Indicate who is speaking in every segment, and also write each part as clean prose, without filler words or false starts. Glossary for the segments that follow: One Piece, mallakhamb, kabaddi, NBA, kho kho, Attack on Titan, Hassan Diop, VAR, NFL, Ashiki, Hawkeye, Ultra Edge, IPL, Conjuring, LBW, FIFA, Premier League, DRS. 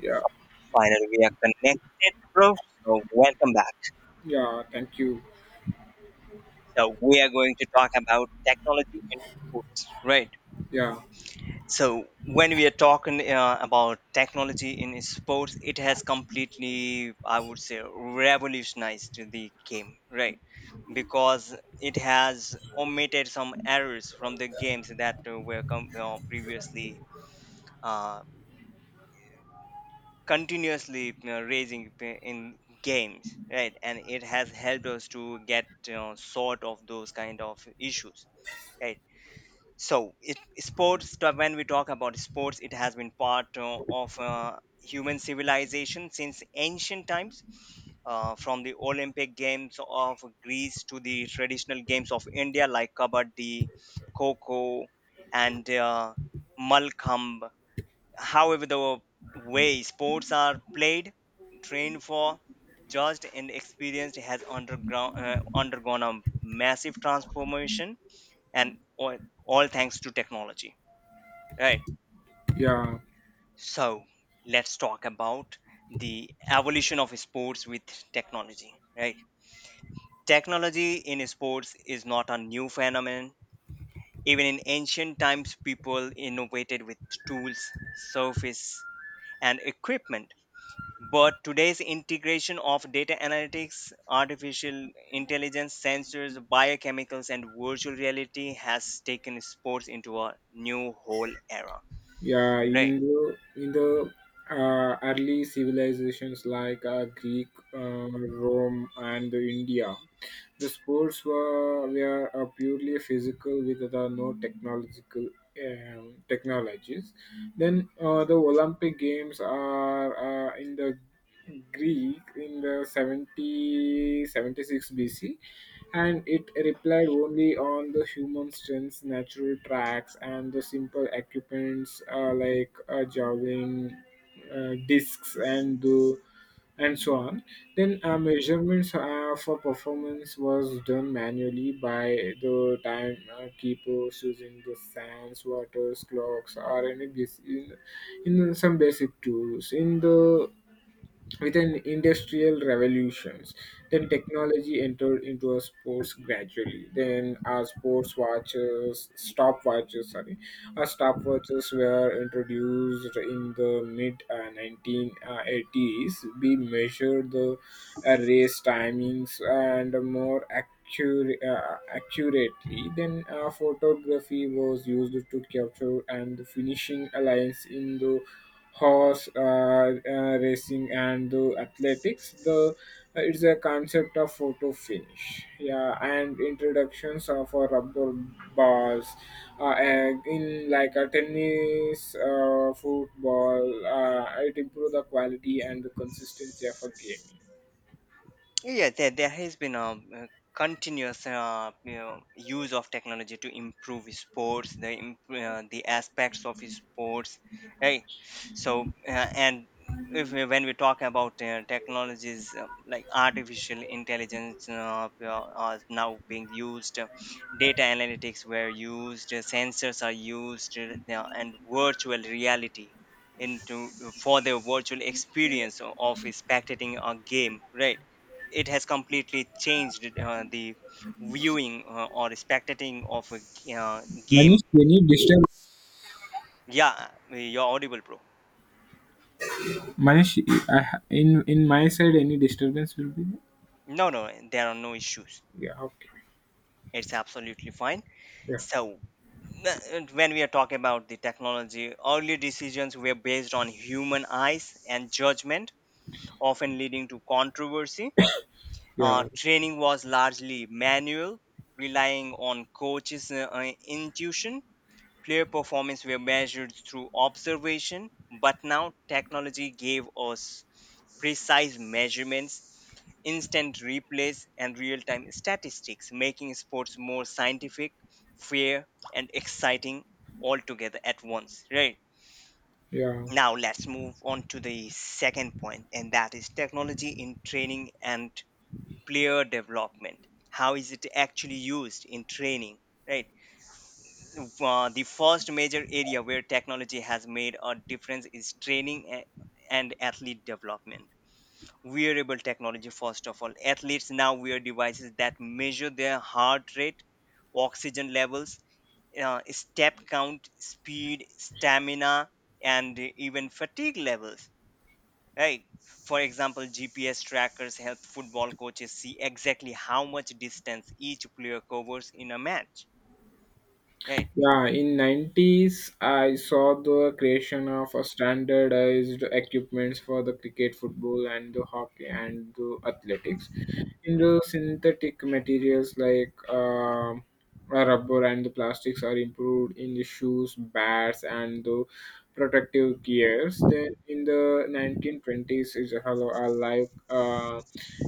Speaker 1: Yeah,
Speaker 2: So finally, we are connected, bro. So welcome back.
Speaker 1: yeah, thank you.
Speaker 2: So we are going to talk about technology in sports, right?
Speaker 1: Yeah,
Speaker 2: So when we are talking about technology in sports, it has completely, I would say, revolutionized the game, right? Because it has omitted some errors from the games that previously uh, continuously you raising in games, right, and it has helped us to get sort of those kind of issues, right. So when we talk about sports, it has been part of human civilization since ancient times, from the Olympic Games of Greece to the traditional games of India like kabaddi, kho kho, and mallakhamb. However, the way sports are played, trained for, judged and experienced has undergone a massive transformation, and all, all thanks to technology, right.
Speaker 1: yeah,
Speaker 2: So let's talk about the evolution of sports with technology, right. Technology in sports is not a new phenomenon. Even in ancient times, people innovated with tools, surface and equipment. But today's integration of data analytics, artificial intelligence, sensors, biochemicals, and virtual reality has taken sports into a new whole era.
Speaker 1: yeah.
Speaker 2: Right.
Speaker 1: In the early civilizations like Greek, Rome, and India, the sports were purely physical with the no technological technologies. Then the Olympic Games are in the Greek, in the 70, 76 BC, and it relied only on the human strengths, natural tracks, and the simple equipments like javelin, discs, and the and so on. Then measurements for performance was done manually by the time keepers using the sands, waters, clocks, or any in some basic tools. In the With an industrial revolutions, then technology entered into our sports gradually. Then our sports watches, stopwatches, sorry, our stopwatches were introduced in the mid 1980s. We measured the race timings and more accurately. Then photography was used to capture and the finishing alliance in the horse racing and the athletics. The It's a concept of photo finish. Yeah, and introductions of rubber balls, and in like a tennis, football, it improve the quality and the consistency of a game.
Speaker 2: Yeah, there has been a, continuous use of technology to improve sports, the the aspects of sports. Right. So and if we, when we talk about technologies like artificial intelligence, are now being used, data analytics were used, sensors are used, and virtual reality into for the virtual experience of spectating a game. Right, it has completely changed the viewing or spectating of a game.
Speaker 1: Manish, any disturbance?
Speaker 2: Yeah, you're audible, bro.
Speaker 1: Manish, in my side any disturbance will be there?
Speaker 2: No, no, there are no issues.
Speaker 1: Yeah, okay.
Speaker 2: It's absolutely fine.
Speaker 1: Yeah,
Speaker 2: So, uh, when we are talking about the technology, early decisions were based on human eyes and judgment, often leading to controversy.
Speaker 1: yeah,
Speaker 2: Training was largely manual, relying on coaches' intuition. Player performance were measured through observation, but now technology gave us precise measurements, instant replays, and real time statistics, making sports more scientific, fair, and exciting altogether at once. Right.
Speaker 1: yeah.
Speaker 2: Now, let's move on to the second point, and that is technology in training and player development. How is it actually used in training? Right. The first major area where technology has made a difference is training and athlete development. Wearable technology, first of all. Athletes now wear devices that measure their heart rate, oxygen levels, step count, speed, stamina, and even fatigue levels. Right. For example, GPS trackers help football coaches see exactly how much distance each player covers in a match. Right.
Speaker 1: Yeah, in 90s, I saw the creation of a standardized equipments for the cricket, football, and the hockey and the athletics in the synthetic materials like rubber. And the plastics are improved in the shoes, bats, and the protective gears. Then in the 1920s, is hello are like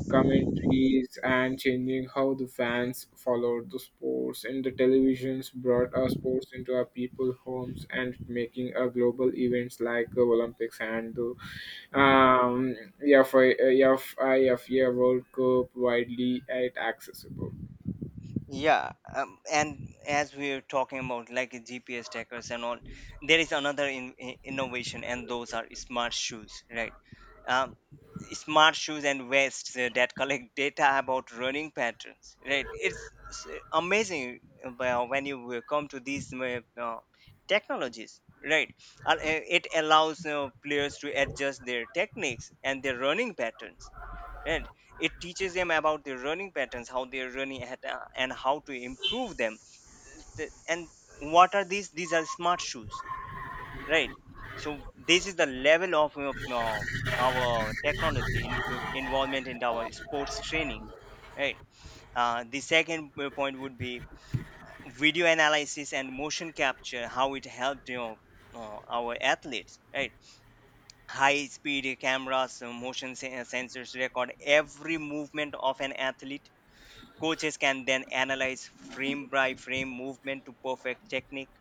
Speaker 1: commentaries and changing how the fans followed the sports. And the televisions brought our sports into our people homes and making a global events like the Olympics and the um, EFI, EFIFA World Cup widely and accessible.
Speaker 2: Yeah, and as we are talking about like GPS trackers and all, there is another innovation, and those are smart shoes, right? Um, smart shoes and vests that collect data about running patterns, right? It's amazing, when you will come to these technologies, right? It allows players to adjust their techniques and their running patterns, and it teaches them about their running patterns, how they're running at, and how to improve them. And what are these? These are smart shoes, right. So this is the level of our technology involvement in our sports training, right. The second point would be video analysis and motion capture, how it helped, our athletes, right. High speed cameras, motion sensors record every movement of an athlete. Coaches can then analyze frame by frame movement to perfect technique.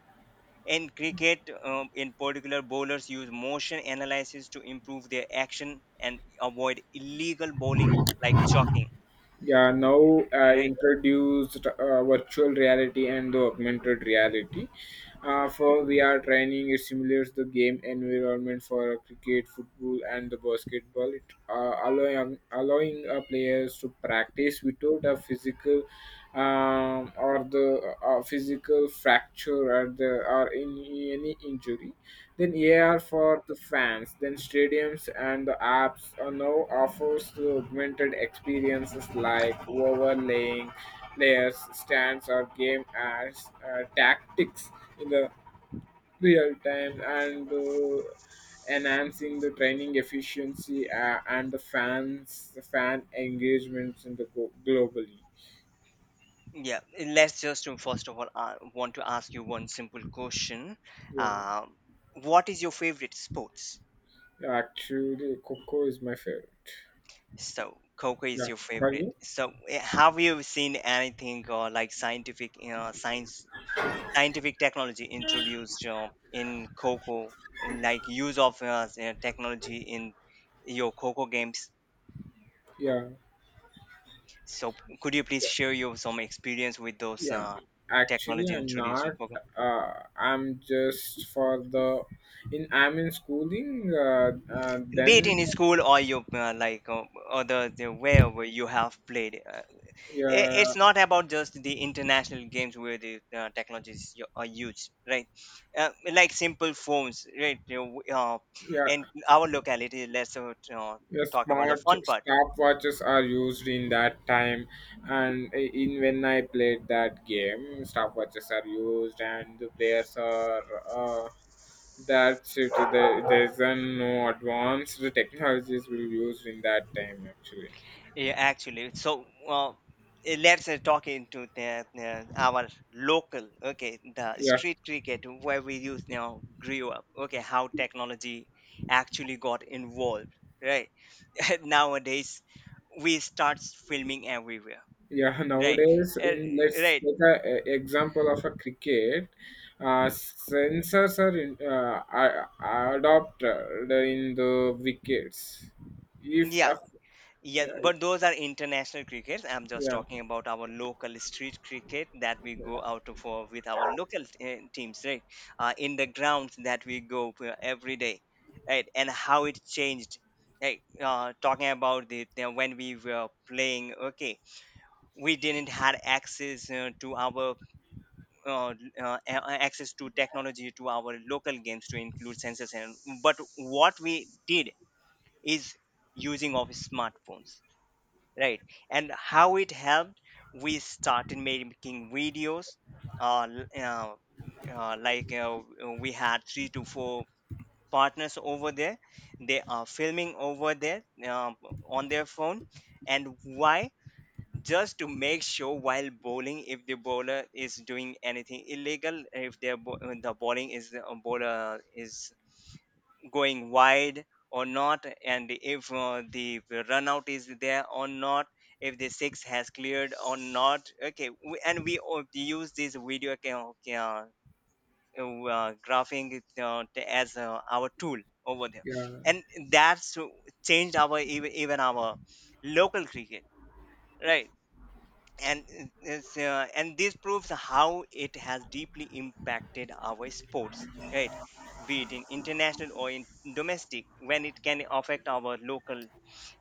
Speaker 2: In cricket, in particular, bowlers use motion analysis to improve their action and avoid illegal bowling like chalking.
Speaker 1: Yeah, now I
Speaker 2: Right.
Speaker 1: introduced virtual reality and the augmented reality. For VR training, it simulates the game environment for cricket, football, and the basketball. It uh, allowing players to practice without a physical fracture or the or any injury. Then AR for the fans, then stadiums and the apps are now offers to augmented experiences like overlaying players, stands, or game as tactics in the real time, and enhancing the training efficiency, and the fans, the fan engagements in the globally.
Speaker 2: Yeah. Let's just first of all want to ask you one simple question.
Speaker 1: Yeah,
Speaker 2: Um, what is your favorite sports?
Speaker 1: actually, Coco is my favorite.
Speaker 2: So, cocoa is
Speaker 1: Yeah,
Speaker 2: your
Speaker 1: for
Speaker 2: favorite.
Speaker 1: you?
Speaker 2: So, eh, have you seen anything or like scientific, science scientific technology introduced in coco, like use of technology in your coco games?
Speaker 1: Yeah.
Speaker 2: So could you please share your some experience with those
Speaker 1: Yeah, actually,
Speaker 2: technology
Speaker 1: I'm
Speaker 2: introduced in
Speaker 1: not.
Speaker 2: coco,
Speaker 1: I'm just for the in. I'm in schooling.
Speaker 2: be it
Speaker 1: Then,
Speaker 2: in school or your other, the wherever you have played? I-
Speaker 1: yeah,
Speaker 2: it's not about just the international games where the technologies are used, right. Like simple phones, right, you know,
Speaker 1: yeah,
Speaker 2: and our locality. Let's
Speaker 1: yeah.
Speaker 2: talk about the
Speaker 1: Smart
Speaker 2: fun part.
Speaker 1: stopwatches are used in that time, and in when I played that game, stopwatches are used, and the players are. That's it. There's a no advanced technologies will used in that time actually.
Speaker 2: Yeah, actually, so eh, let's talk into our local, okay, the
Speaker 1: Yeah.
Speaker 2: street cricket where we used, you know, grew up, okay, how technology actually got involved, right. Nowadays, we start filming everywhere.
Speaker 1: Yeah,
Speaker 2: Right.
Speaker 1: nowadays,
Speaker 2: Uh,
Speaker 1: in let's
Speaker 2: right.
Speaker 1: take an example of a cricket. Sensors are adopted in the wickets. If
Speaker 2: Yeah.
Speaker 1: a...
Speaker 2: Yeah.
Speaker 1: yeah,
Speaker 2: But those are international crickets. I'm just
Speaker 1: yeah,
Speaker 2: talking about our local street cricket that we go out for with our local teams, right? In the grounds that we go for every day, right? And how it changed. Right. Talking about it, when we were playing, okay, we didn't had access to our uh, access to technology to our local games to include sensors, and but what we did is using of smartphones, right. And how it helped, we started making videos, uh, l- uh, uh, like uh, we had three to four partners over there. They are filming over there, on their phone. And why? Just to make sure while bowling if the bowler is doing anything illegal, if their the bowler is going wide or not, and if the run out is there or not, if the six has cleared or not. Okay, we, and we use this video graphing as our tool over there,
Speaker 1: yeah,
Speaker 2: and that's changed our even our local cricket, right. And it's, and this proves how it has deeply impacted our sports, right, be it in international or in domestic. When it can affect our local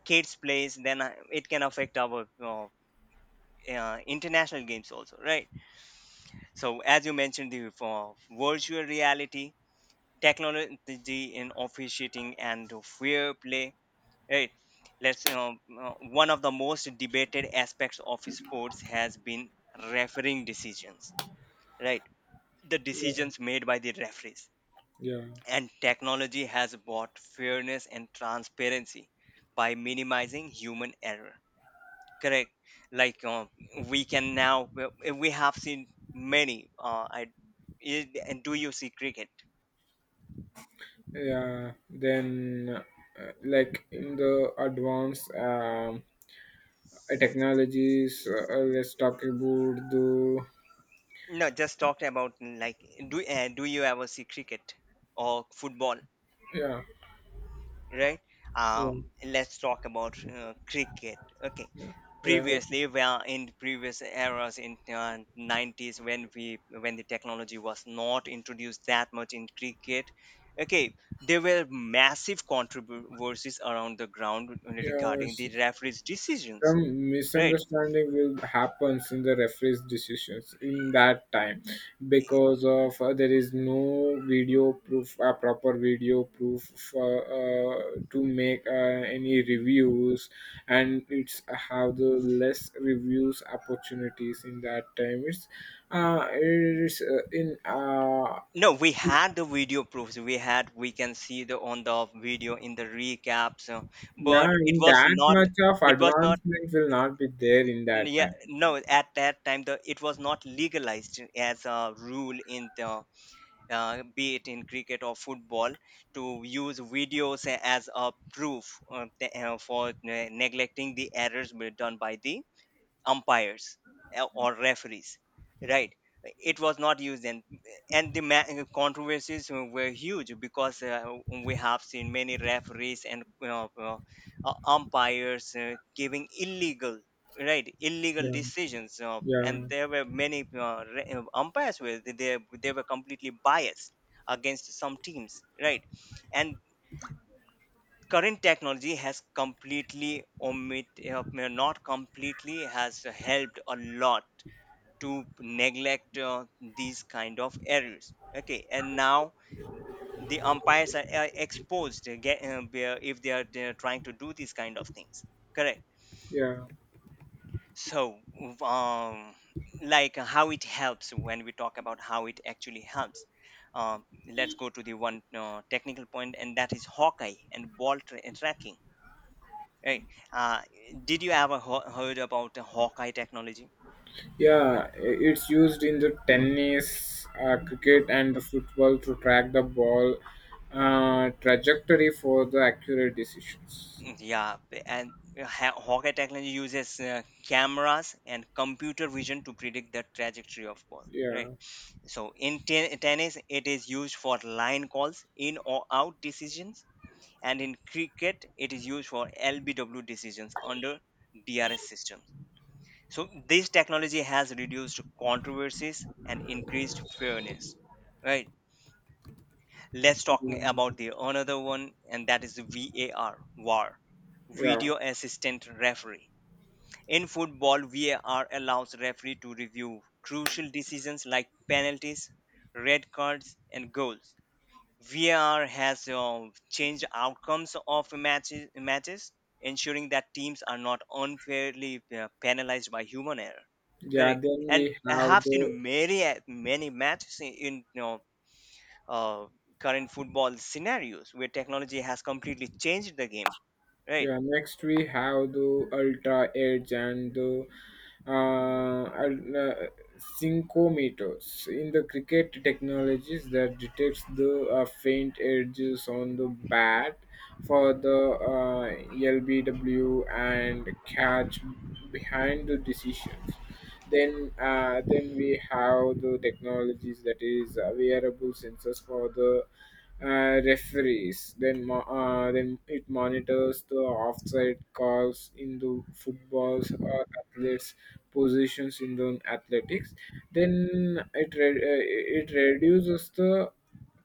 Speaker 2: kids plays, then it can affect our international games also, right. So as you mentioned the virtual reality, technology in officiating and fair play, right. let's you One of the most debated aspects of sports has been refereeing decisions, right? The
Speaker 1: yeah,
Speaker 2: decisions made by the referees.
Speaker 1: yeah,
Speaker 2: And technology has brought fairness and transparency by minimizing human error. Correct. Like we can now, we have seen many. And do you see cricket?
Speaker 1: yeah. Then, like in the advanced technologies, let's talk about the...
Speaker 2: No, just talked about like do do you ever see cricket or football,
Speaker 1: yeah,
Speaker 2: right?
Speaker 1: yeah,
Speaker 2: Let's talk about cricket. Okay,
Speaker 1: yeah,
Speaker 2: previously, well, in previous eras in 90s when we when the technology was not introduced that much in cricket, okay, there were massive controversies around the ground
Speaker 1: yeah.
Speaker 2: regarding
Speaker 1: Yes.
Speaker 2: the referees decisions,
Speaker 1: Some
Speaker 2: right.
Speaker 1: misunderstanding will happen in the referee's decisions in that time because of there is no video proof proper video proof for, uh, to make any reviews, and it's have the less reviews opportunities in that time. It's in
Speaker 2: No, we had the video proofs, we had, we can see the on the video in the recaps. So but
Speaker 1: yeah
Speaker 2: it
Speaker 1: in
Speaker 2: was
Speaker 1: that
Speaker 2: not,
Speaker 1: much of
Speaker 2: it was not,
Speaker 1: advancement will not be there in that
Speaker 2: yeah.
Speaker 1: time.
Speaker 2: No, at that time the it was not legalized as a rule in the be it in cricket or football, to use videos as a proof for neglecting the errors done by the umpires or referees, right. It was not used, and the controversies were huge, because we have seen many referees and, you know, umpires giving illegal, right, illegal
Speaker 1: Yeah,
Speaker 2: decisions, and
Speaker 1: yeah,
Speaker 2: there were many umpires where they were completely biased against some teams, right. And current technology has completely omit, uh, not completely, has helped a lot to neglect these kind of errors. Okay, and now the umpires are exposed if they're trying to do these kind of things, correct.
Speaker 1: yeah.
Speaker 2: So um, like how it helps, when we talk about how it actually helps, um, let's go to the one technical point, and that is Hawkeye and ball tracking. Right. Uh, did you ever heard about the Hawkeye technology?
Speaker 1: Yeah, it's used in the tennis, cricket, and the football to track the ball trajectory for the accurate decisions.
Speaker 2: Mm, yeah, and Hawkeye technology uses cameras and computer vision to predict the trajectory of ball. Right.
Speaker 1: Yeah.
Speaker 2: So in tennis, it is used for line calls, in or out decisions, and in cricket, it is used for LBW decisions under DRS systems. So this technology has reduced controversies and increased fairness. Right. Let's talk about
Speaker 1: Um,
Speaker 2: the another one, and that is VAR, VAR,
Speaker 1: yeah.
Speaker 2: Video Assistant Referee. In football, VAR allows referee to review crucial decisions like penalties, red cards, and goals. VAR has changed outcomes of matches, ensuring that teams are not unfairly penalized by human error.
Speaker 1: Yeah.
Speaker 2: Correct.
Speaker 1: Then
Speaker 2: And
Speaker 1: we
Speaker 2: I
Speaker 1: have
Speaker 2: have
Speaker 1: the...
Speaker 2: seen many many matches in uh, current football scenarios where technology has completely changed the game, right?
Speaker 1: Yeah, next we have the Ultra Edge and the uh, al- uh, syncometers in the cricket technologies that detects the faint edges on the bat for the LBW and catch behind the decisions. Then we have the technologies that is wearable sensors for the referees. Then it monitors the offside calls in the footballs or athletes positions in the athletics. Then it reduces the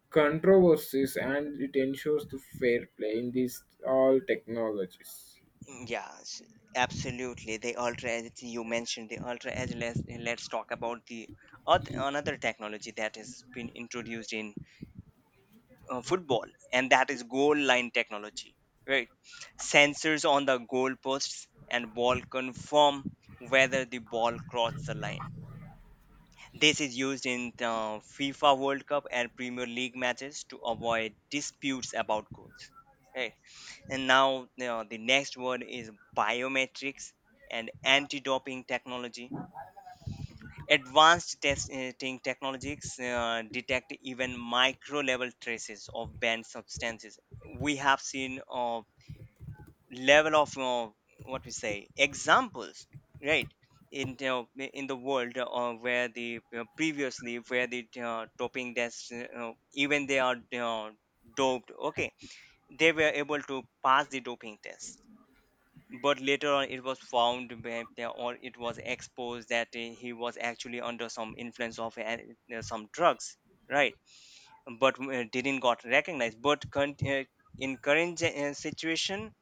Speaker 1: controversies, and it ensures the fair play in these all technologies.
Speaker 2: Yes, absolutely. The ultra edge. Let's talk about the another technology that has been introduced in football, and that is goal line technology. Right, sensors on the goal posts and ball confirm whether the ball crossed the line. This is used in the FIFA World Cup and Premier League matches to avoid disputes about goals. Right. And now you know, the next word is biometrics and anti-doping technology. Advanced testing technologies detect even micro-level traces of banned substances. We have seen level of what we say examples, right, in the in the world where the previously, where the doping tests, even they are doped, okay, they were able to pass the doping test, but later on it was found that or it was exposed that he was actually under some influence of some drugs, right, but didn't got recognized but in current situation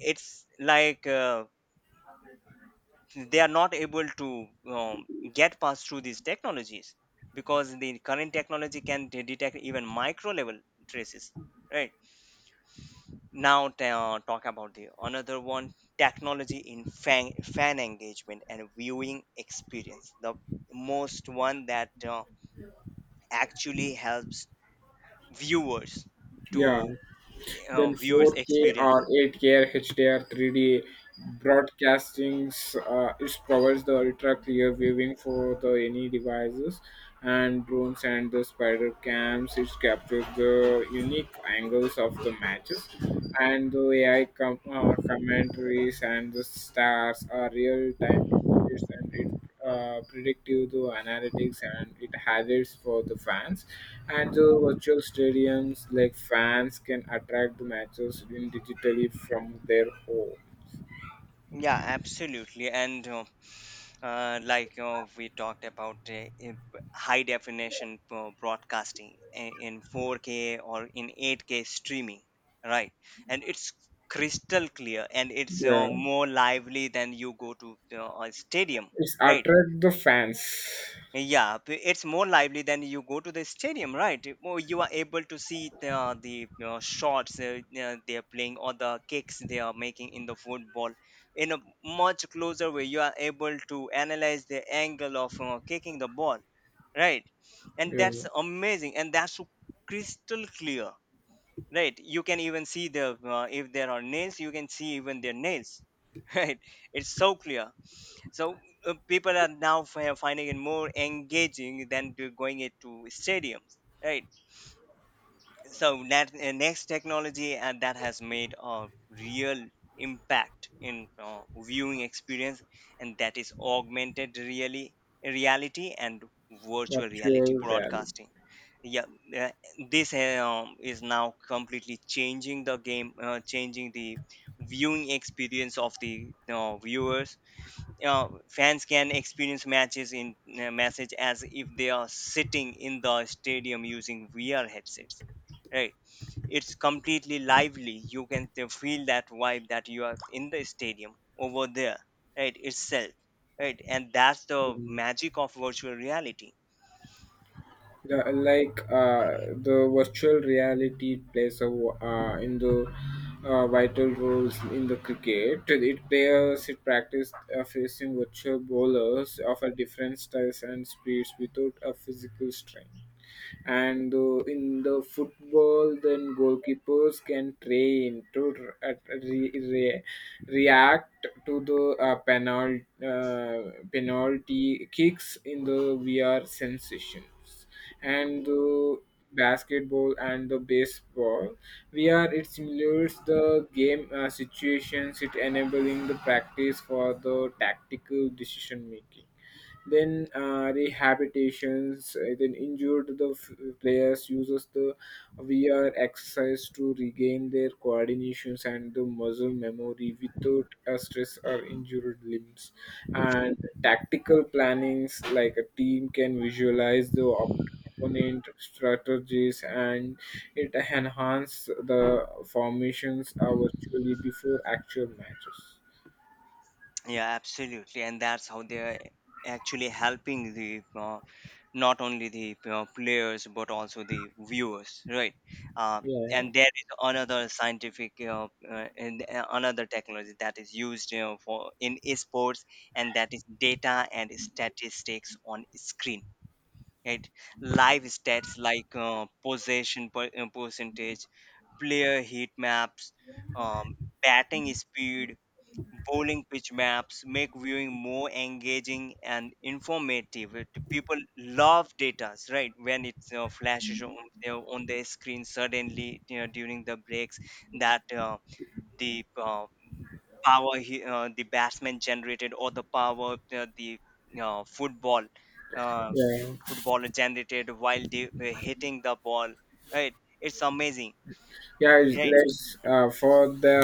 Speaker 2: it's like they are not able to get past through these technologies because the current technology can detect even micro level traces, right. Now talk about the another one technology in fan engagement and viewing experience, the most one that actually helps viewers
Speaker 1: Yeah.
Speaker 2: to
Speaker 1: Then
Speaker 2: viewers
Speaker 1: 4K
Speaker 2: experience.
Speaker 1: or 8K HDR 3D broadcastings. It provides the ultra clear viewing for the any devices, and drones and the spider cams. It captures the unique angles of the matches, and the AI commentaries and the stars are real time updates, and it predictive to analytics, and it has its for the fans and the virtual stadiums like fans can attract the matches in digitally from their home.
Speaker 2: Yeah, absolutely, and like you know, we talked about high definition broadcasting, in 4K or in 8K streaming, right? And it's crystal clear, and it's
Speaker 1: Yeah,
Speaker 2: more lively than you go to a stadium,
Speaker 1: it's
Speaker 2: right?
Speaker 1: attract the fans.
Speaker 2: Yeah, it's more lively than you go to the stadium, right? More you are able to see the shots they are playing, or the kicks they are making in the football, in a much closer way. You are able to analyze the angle of kicking the ball, right? And
Speaker 1: Yeah.
Speaker 2: that's amazing, and that's so crystal clear, right? You can even see the, if there are nails, you can see even their nails, right? It's so clear, so people are now finding it more engaging than to going it to stadiums, right? So that next technology, and that has made a real impact in viewing experience, and that is augmented really reality and virtual reality
Speaker 1: Virtual reality.
Speaker 2: broadcasting. Yeah, uh, this is now completely changing the game, changing the viewing experience of the viewers. Fans can experience matches in message as if they are sitting in the stadium using VR headsets. Right, it's completely lively. You can feel that vibe that you are in the stadium over there, right itself, right, and that's the
Speaker 1: Yeah.
Speaker 2: magic of virtual reality.
Speaker 1: The virtual reality plays in the vital roles in the cricket. It players it practice facing virtual bowlers of a different styles and speeds without a physical strain. And in the football, then goalkeepers can train to react to the penalty kicks in the VR sensations. And basketball and the baseball, VR, it simulates the game situations, it enabling the practice for the tactical decision making. Then rehabilitations, then injured, the players uses the VR exercise to regain their coordinations and the muscle memory without a stress or injured limbs. And tactical plannings, like a team can visualize the opponent strategies, and it enhance the formations virtually before actual matches.
Speaker 2: Yeah, absolutely, and that's how they're actually helping the not only the players but also the viewers, right.
Speaker 1: Yeah,
Speaker 2: And there is another scientific and another technology that is used you for in esports, and that is data and statistics on screen, right. Live stats like possession percentage, player heat maps, um, batting speed, bowling pitch maps make viewing more engaging and informative. People love data, right? When it flashes on their screen suddenly you know, during the breaks, that, the power, the batsman generated, or the power the uh, football uh,
Speaker 1: yeah.
Speaker 2: footballer generated while they were hitting the ball, right? It's amazing.
Speaker 1: Yeah,
Speaker 2: Right,
Speaker 1: let's for the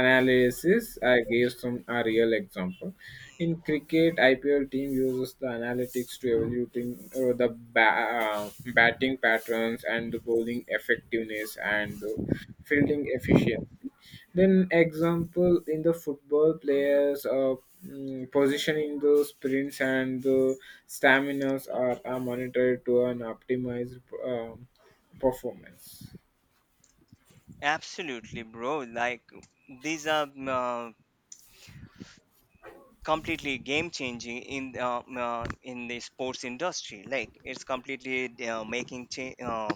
Speaker 1: analysis. I gave some a real example. In cricket, IPL team uses the analytics to evaluating, the ba- uh, batting patterns and the bowling effectiveness and the fielding efficiency. Then example, in the football players, positioning the sprints and the staminas are monitored to an optimized performance.
Speaker 2: absolutely, bro. Like these are completely game changing in the sports industry, like it's completely making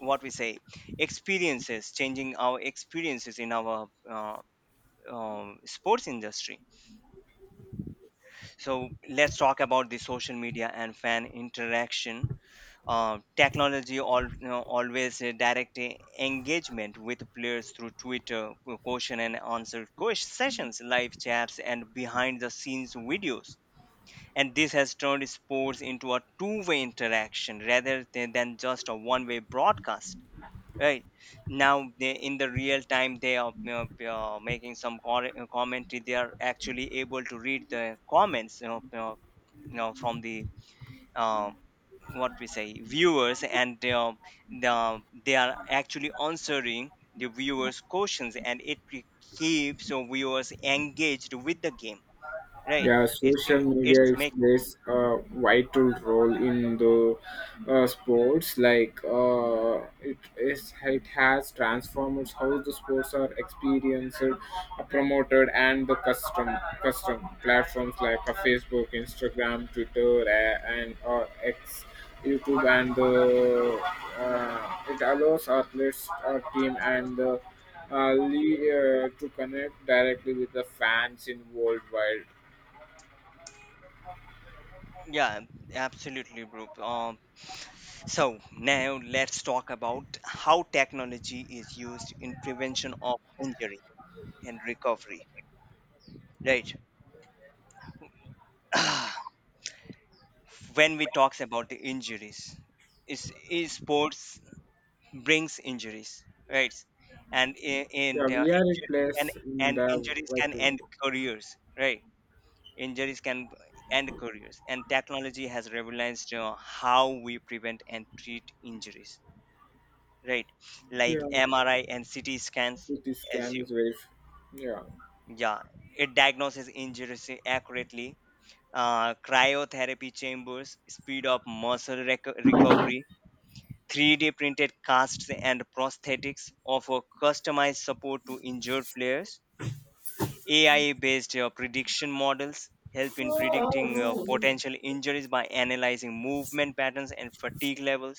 Speaker 2: what we say experiences, changing our experiences in our sports industry. So let's talk about the social media and fan interaction technology. All, you know, always direct engagement with players through twitter, question and answer sessions, live chats, and behind the scenes videos. And this has turned sports into a two-way interaction rather than, just a one-way broadcast, right. Now they, in the real time, they are you know, making some commentary. They are actually able to read the comments, you know, you know, from the uh, what we say viewers, and they are, they are actually answering the viewers questions, and it keeps the viewers engaged with the game, right.
Speaker 1: Yeah,
Speaker 2: it's
Speaker 1: social media
Speaker 2: it's
Speaker 1: is
Speaker 2: making.
Speaker 1: plays a vital role in the sports. Like, it has transformed how the sports are experienced, promoted, and the custom platforms like Facebook, Instagram, Twitter, and X, YouTube, and the it allows athletes, our team, and to connect directly with the fans in worldwide.
Speaker 2: Yeah, absolutely, bro. So now let's talk about how technology is used in prevention of injury and recovery. Right. Ah, when we talks about the injuries, is sports brings injuries, right? And in
Speaker 1: Yeah, we are
Speaker 2: injuries
Speaker 1: a
Speaker 2: can
Speaker 1: in
Speaker 2: and
Speaker 1: the...
Speaker 2: injuries
Speaker 1: What?
Speaker 2: can end careers, right? Injuries can end careers, and technology has revolutionized how we prevent and treat injuries, right. Like
Speaker 1: Yeah,
Speaker 2: mri and ct scans,
Speaker 1: CT
Speaker 2: as
Speaker 1: scan
Speaker 2: you,
Speaker 1: is very. Yeah,
Speaker 2: yeah, it diagnoses injuries accurately. Cryotherapy chambers speed up muscle recovery. 3D printed casts and prosthetics offer customized support to injured players. Ai based prediction models help in predicting potential injuries by analyzing movement patterns and fatigue levels,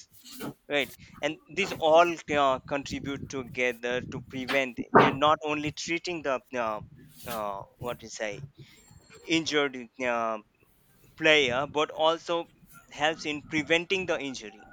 Speaker 2: right. And these all contribute together to prevent, not only treating the what we say injured uh, player, but also helps in preventing the injury,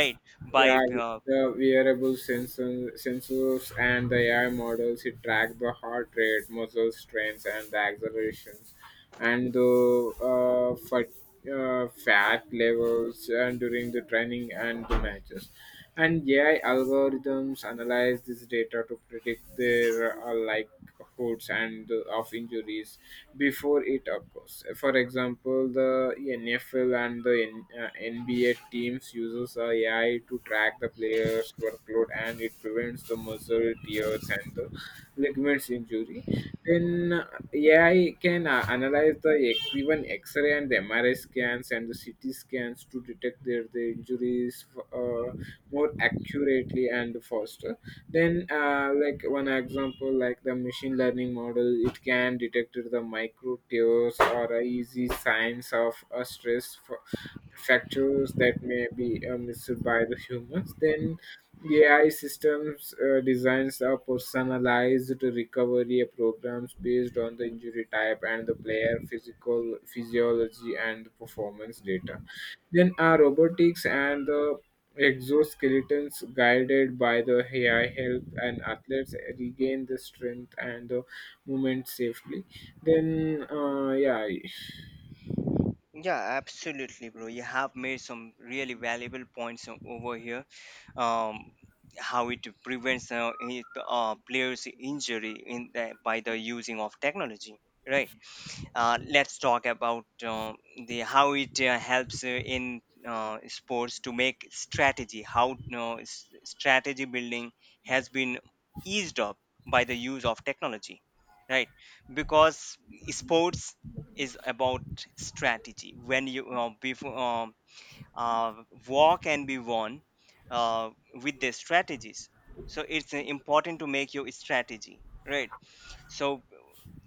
Speaker 2: right, by
Speaker 1: yeah.
Speaker 2: uh,
Speaker 1: The wearable sensors and the AI models it track the heart rate, muscle strains, and the accelerations, and the uh, fat, fat levels and during the training and the matches. And AI algorithms analyze this data to predict their likelihoods and of injuries before it, of course. For example, the NFL and the NBA teams uses AI to track the players' workload, and it prevents the muscle tears and the ligaments injury. Then, yeah, I can analyze the even X-ray and the MRI scans and the CT scans to detect their the injuries uh, more accurately and faster. Then, like one example, like the machine learning model, it can detect the micro tears or easy signs of stress for factors that may be missed by the humans. Then AI systems designs are personalized recovery programs based on the injury type and the player physical physiology and performance data. Then are robotics and the exoskeletons guided by the AI help and athletes regain the strength and the movement safely. Then, yeah,
Speaker 2: yeah. Absolutely, bro, you have made some really valuable points over here. um, how it prevents players injury in the, by the using of technology, right. Let's talk about the how it helps in sports to make strategy, how strategy building has been eased up by the use of technology, right? Because sports is about strategy. When you before uh, war can be won uh, with the strategies, so it's important to make your strategy right. So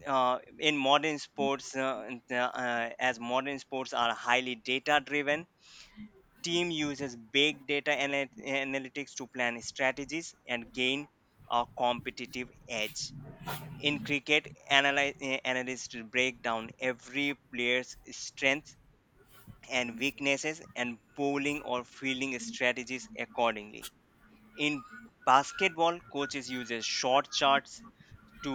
Speaker 2: in modern sports, as modern sports are highly data driven, team uses big data analytics to plan strategies and gain a competitive edge. In cricket, analysts break down every player's strengths and weaknesses and bowling or fielding strategies accordingly. In basketball, coaches uses short charts to,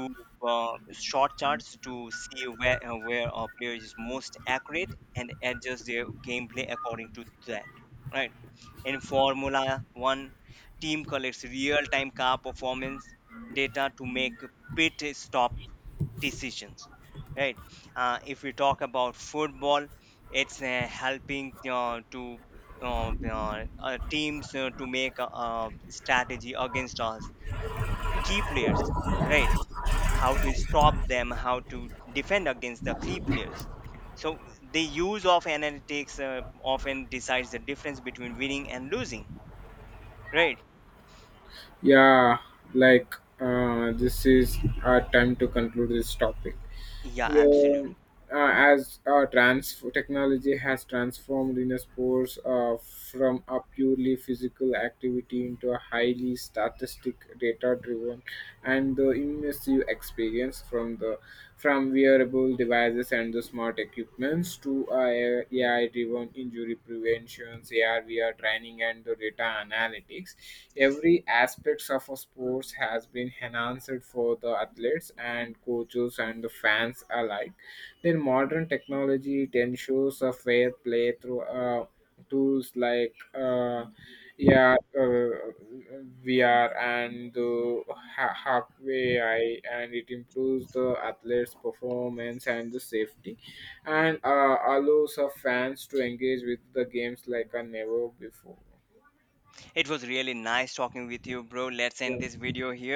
Speaker 2: short charts to see where, where a player is most accurate and adjust their gameplay according to that, right. In formula 1, team collects real time car performance data to make pit stop decisions, right. If we talk about football, it's helping to uh, teams to make a, uh, strategy against us key players, right, how to stop them, how to defend against the key players. So the use of analytics often decides the difference between winning and losing, right?
Speaker 1: yeah, like, this is our time to conclude this topic.
Speaker 2: Yeah,
Speaker 1: Yeah,
Speaker 2: absolutely.
Speaker 1: as trans technology has transformed in a sports, from a purely physical activity into a highly statistic data-driven and the immersive experience, from wearable devices and the smart equipments to AI-driven injury prevention, AR/VR training, and the data analytics. Every aspects of a sports has been enhanced for the athletes and coaches and the fans alike. Then modern technology, it ensures a fair play through tools like, uh, yeah uh, VR and the halfway AI, and it improves the athlete's performance and the safety, and allows our fans to engage with the games like a never before.
Speaker 2: It was really nice talking with you, bro. Let's end
Speaker 1: Yeah.
Speaker 2: this video here.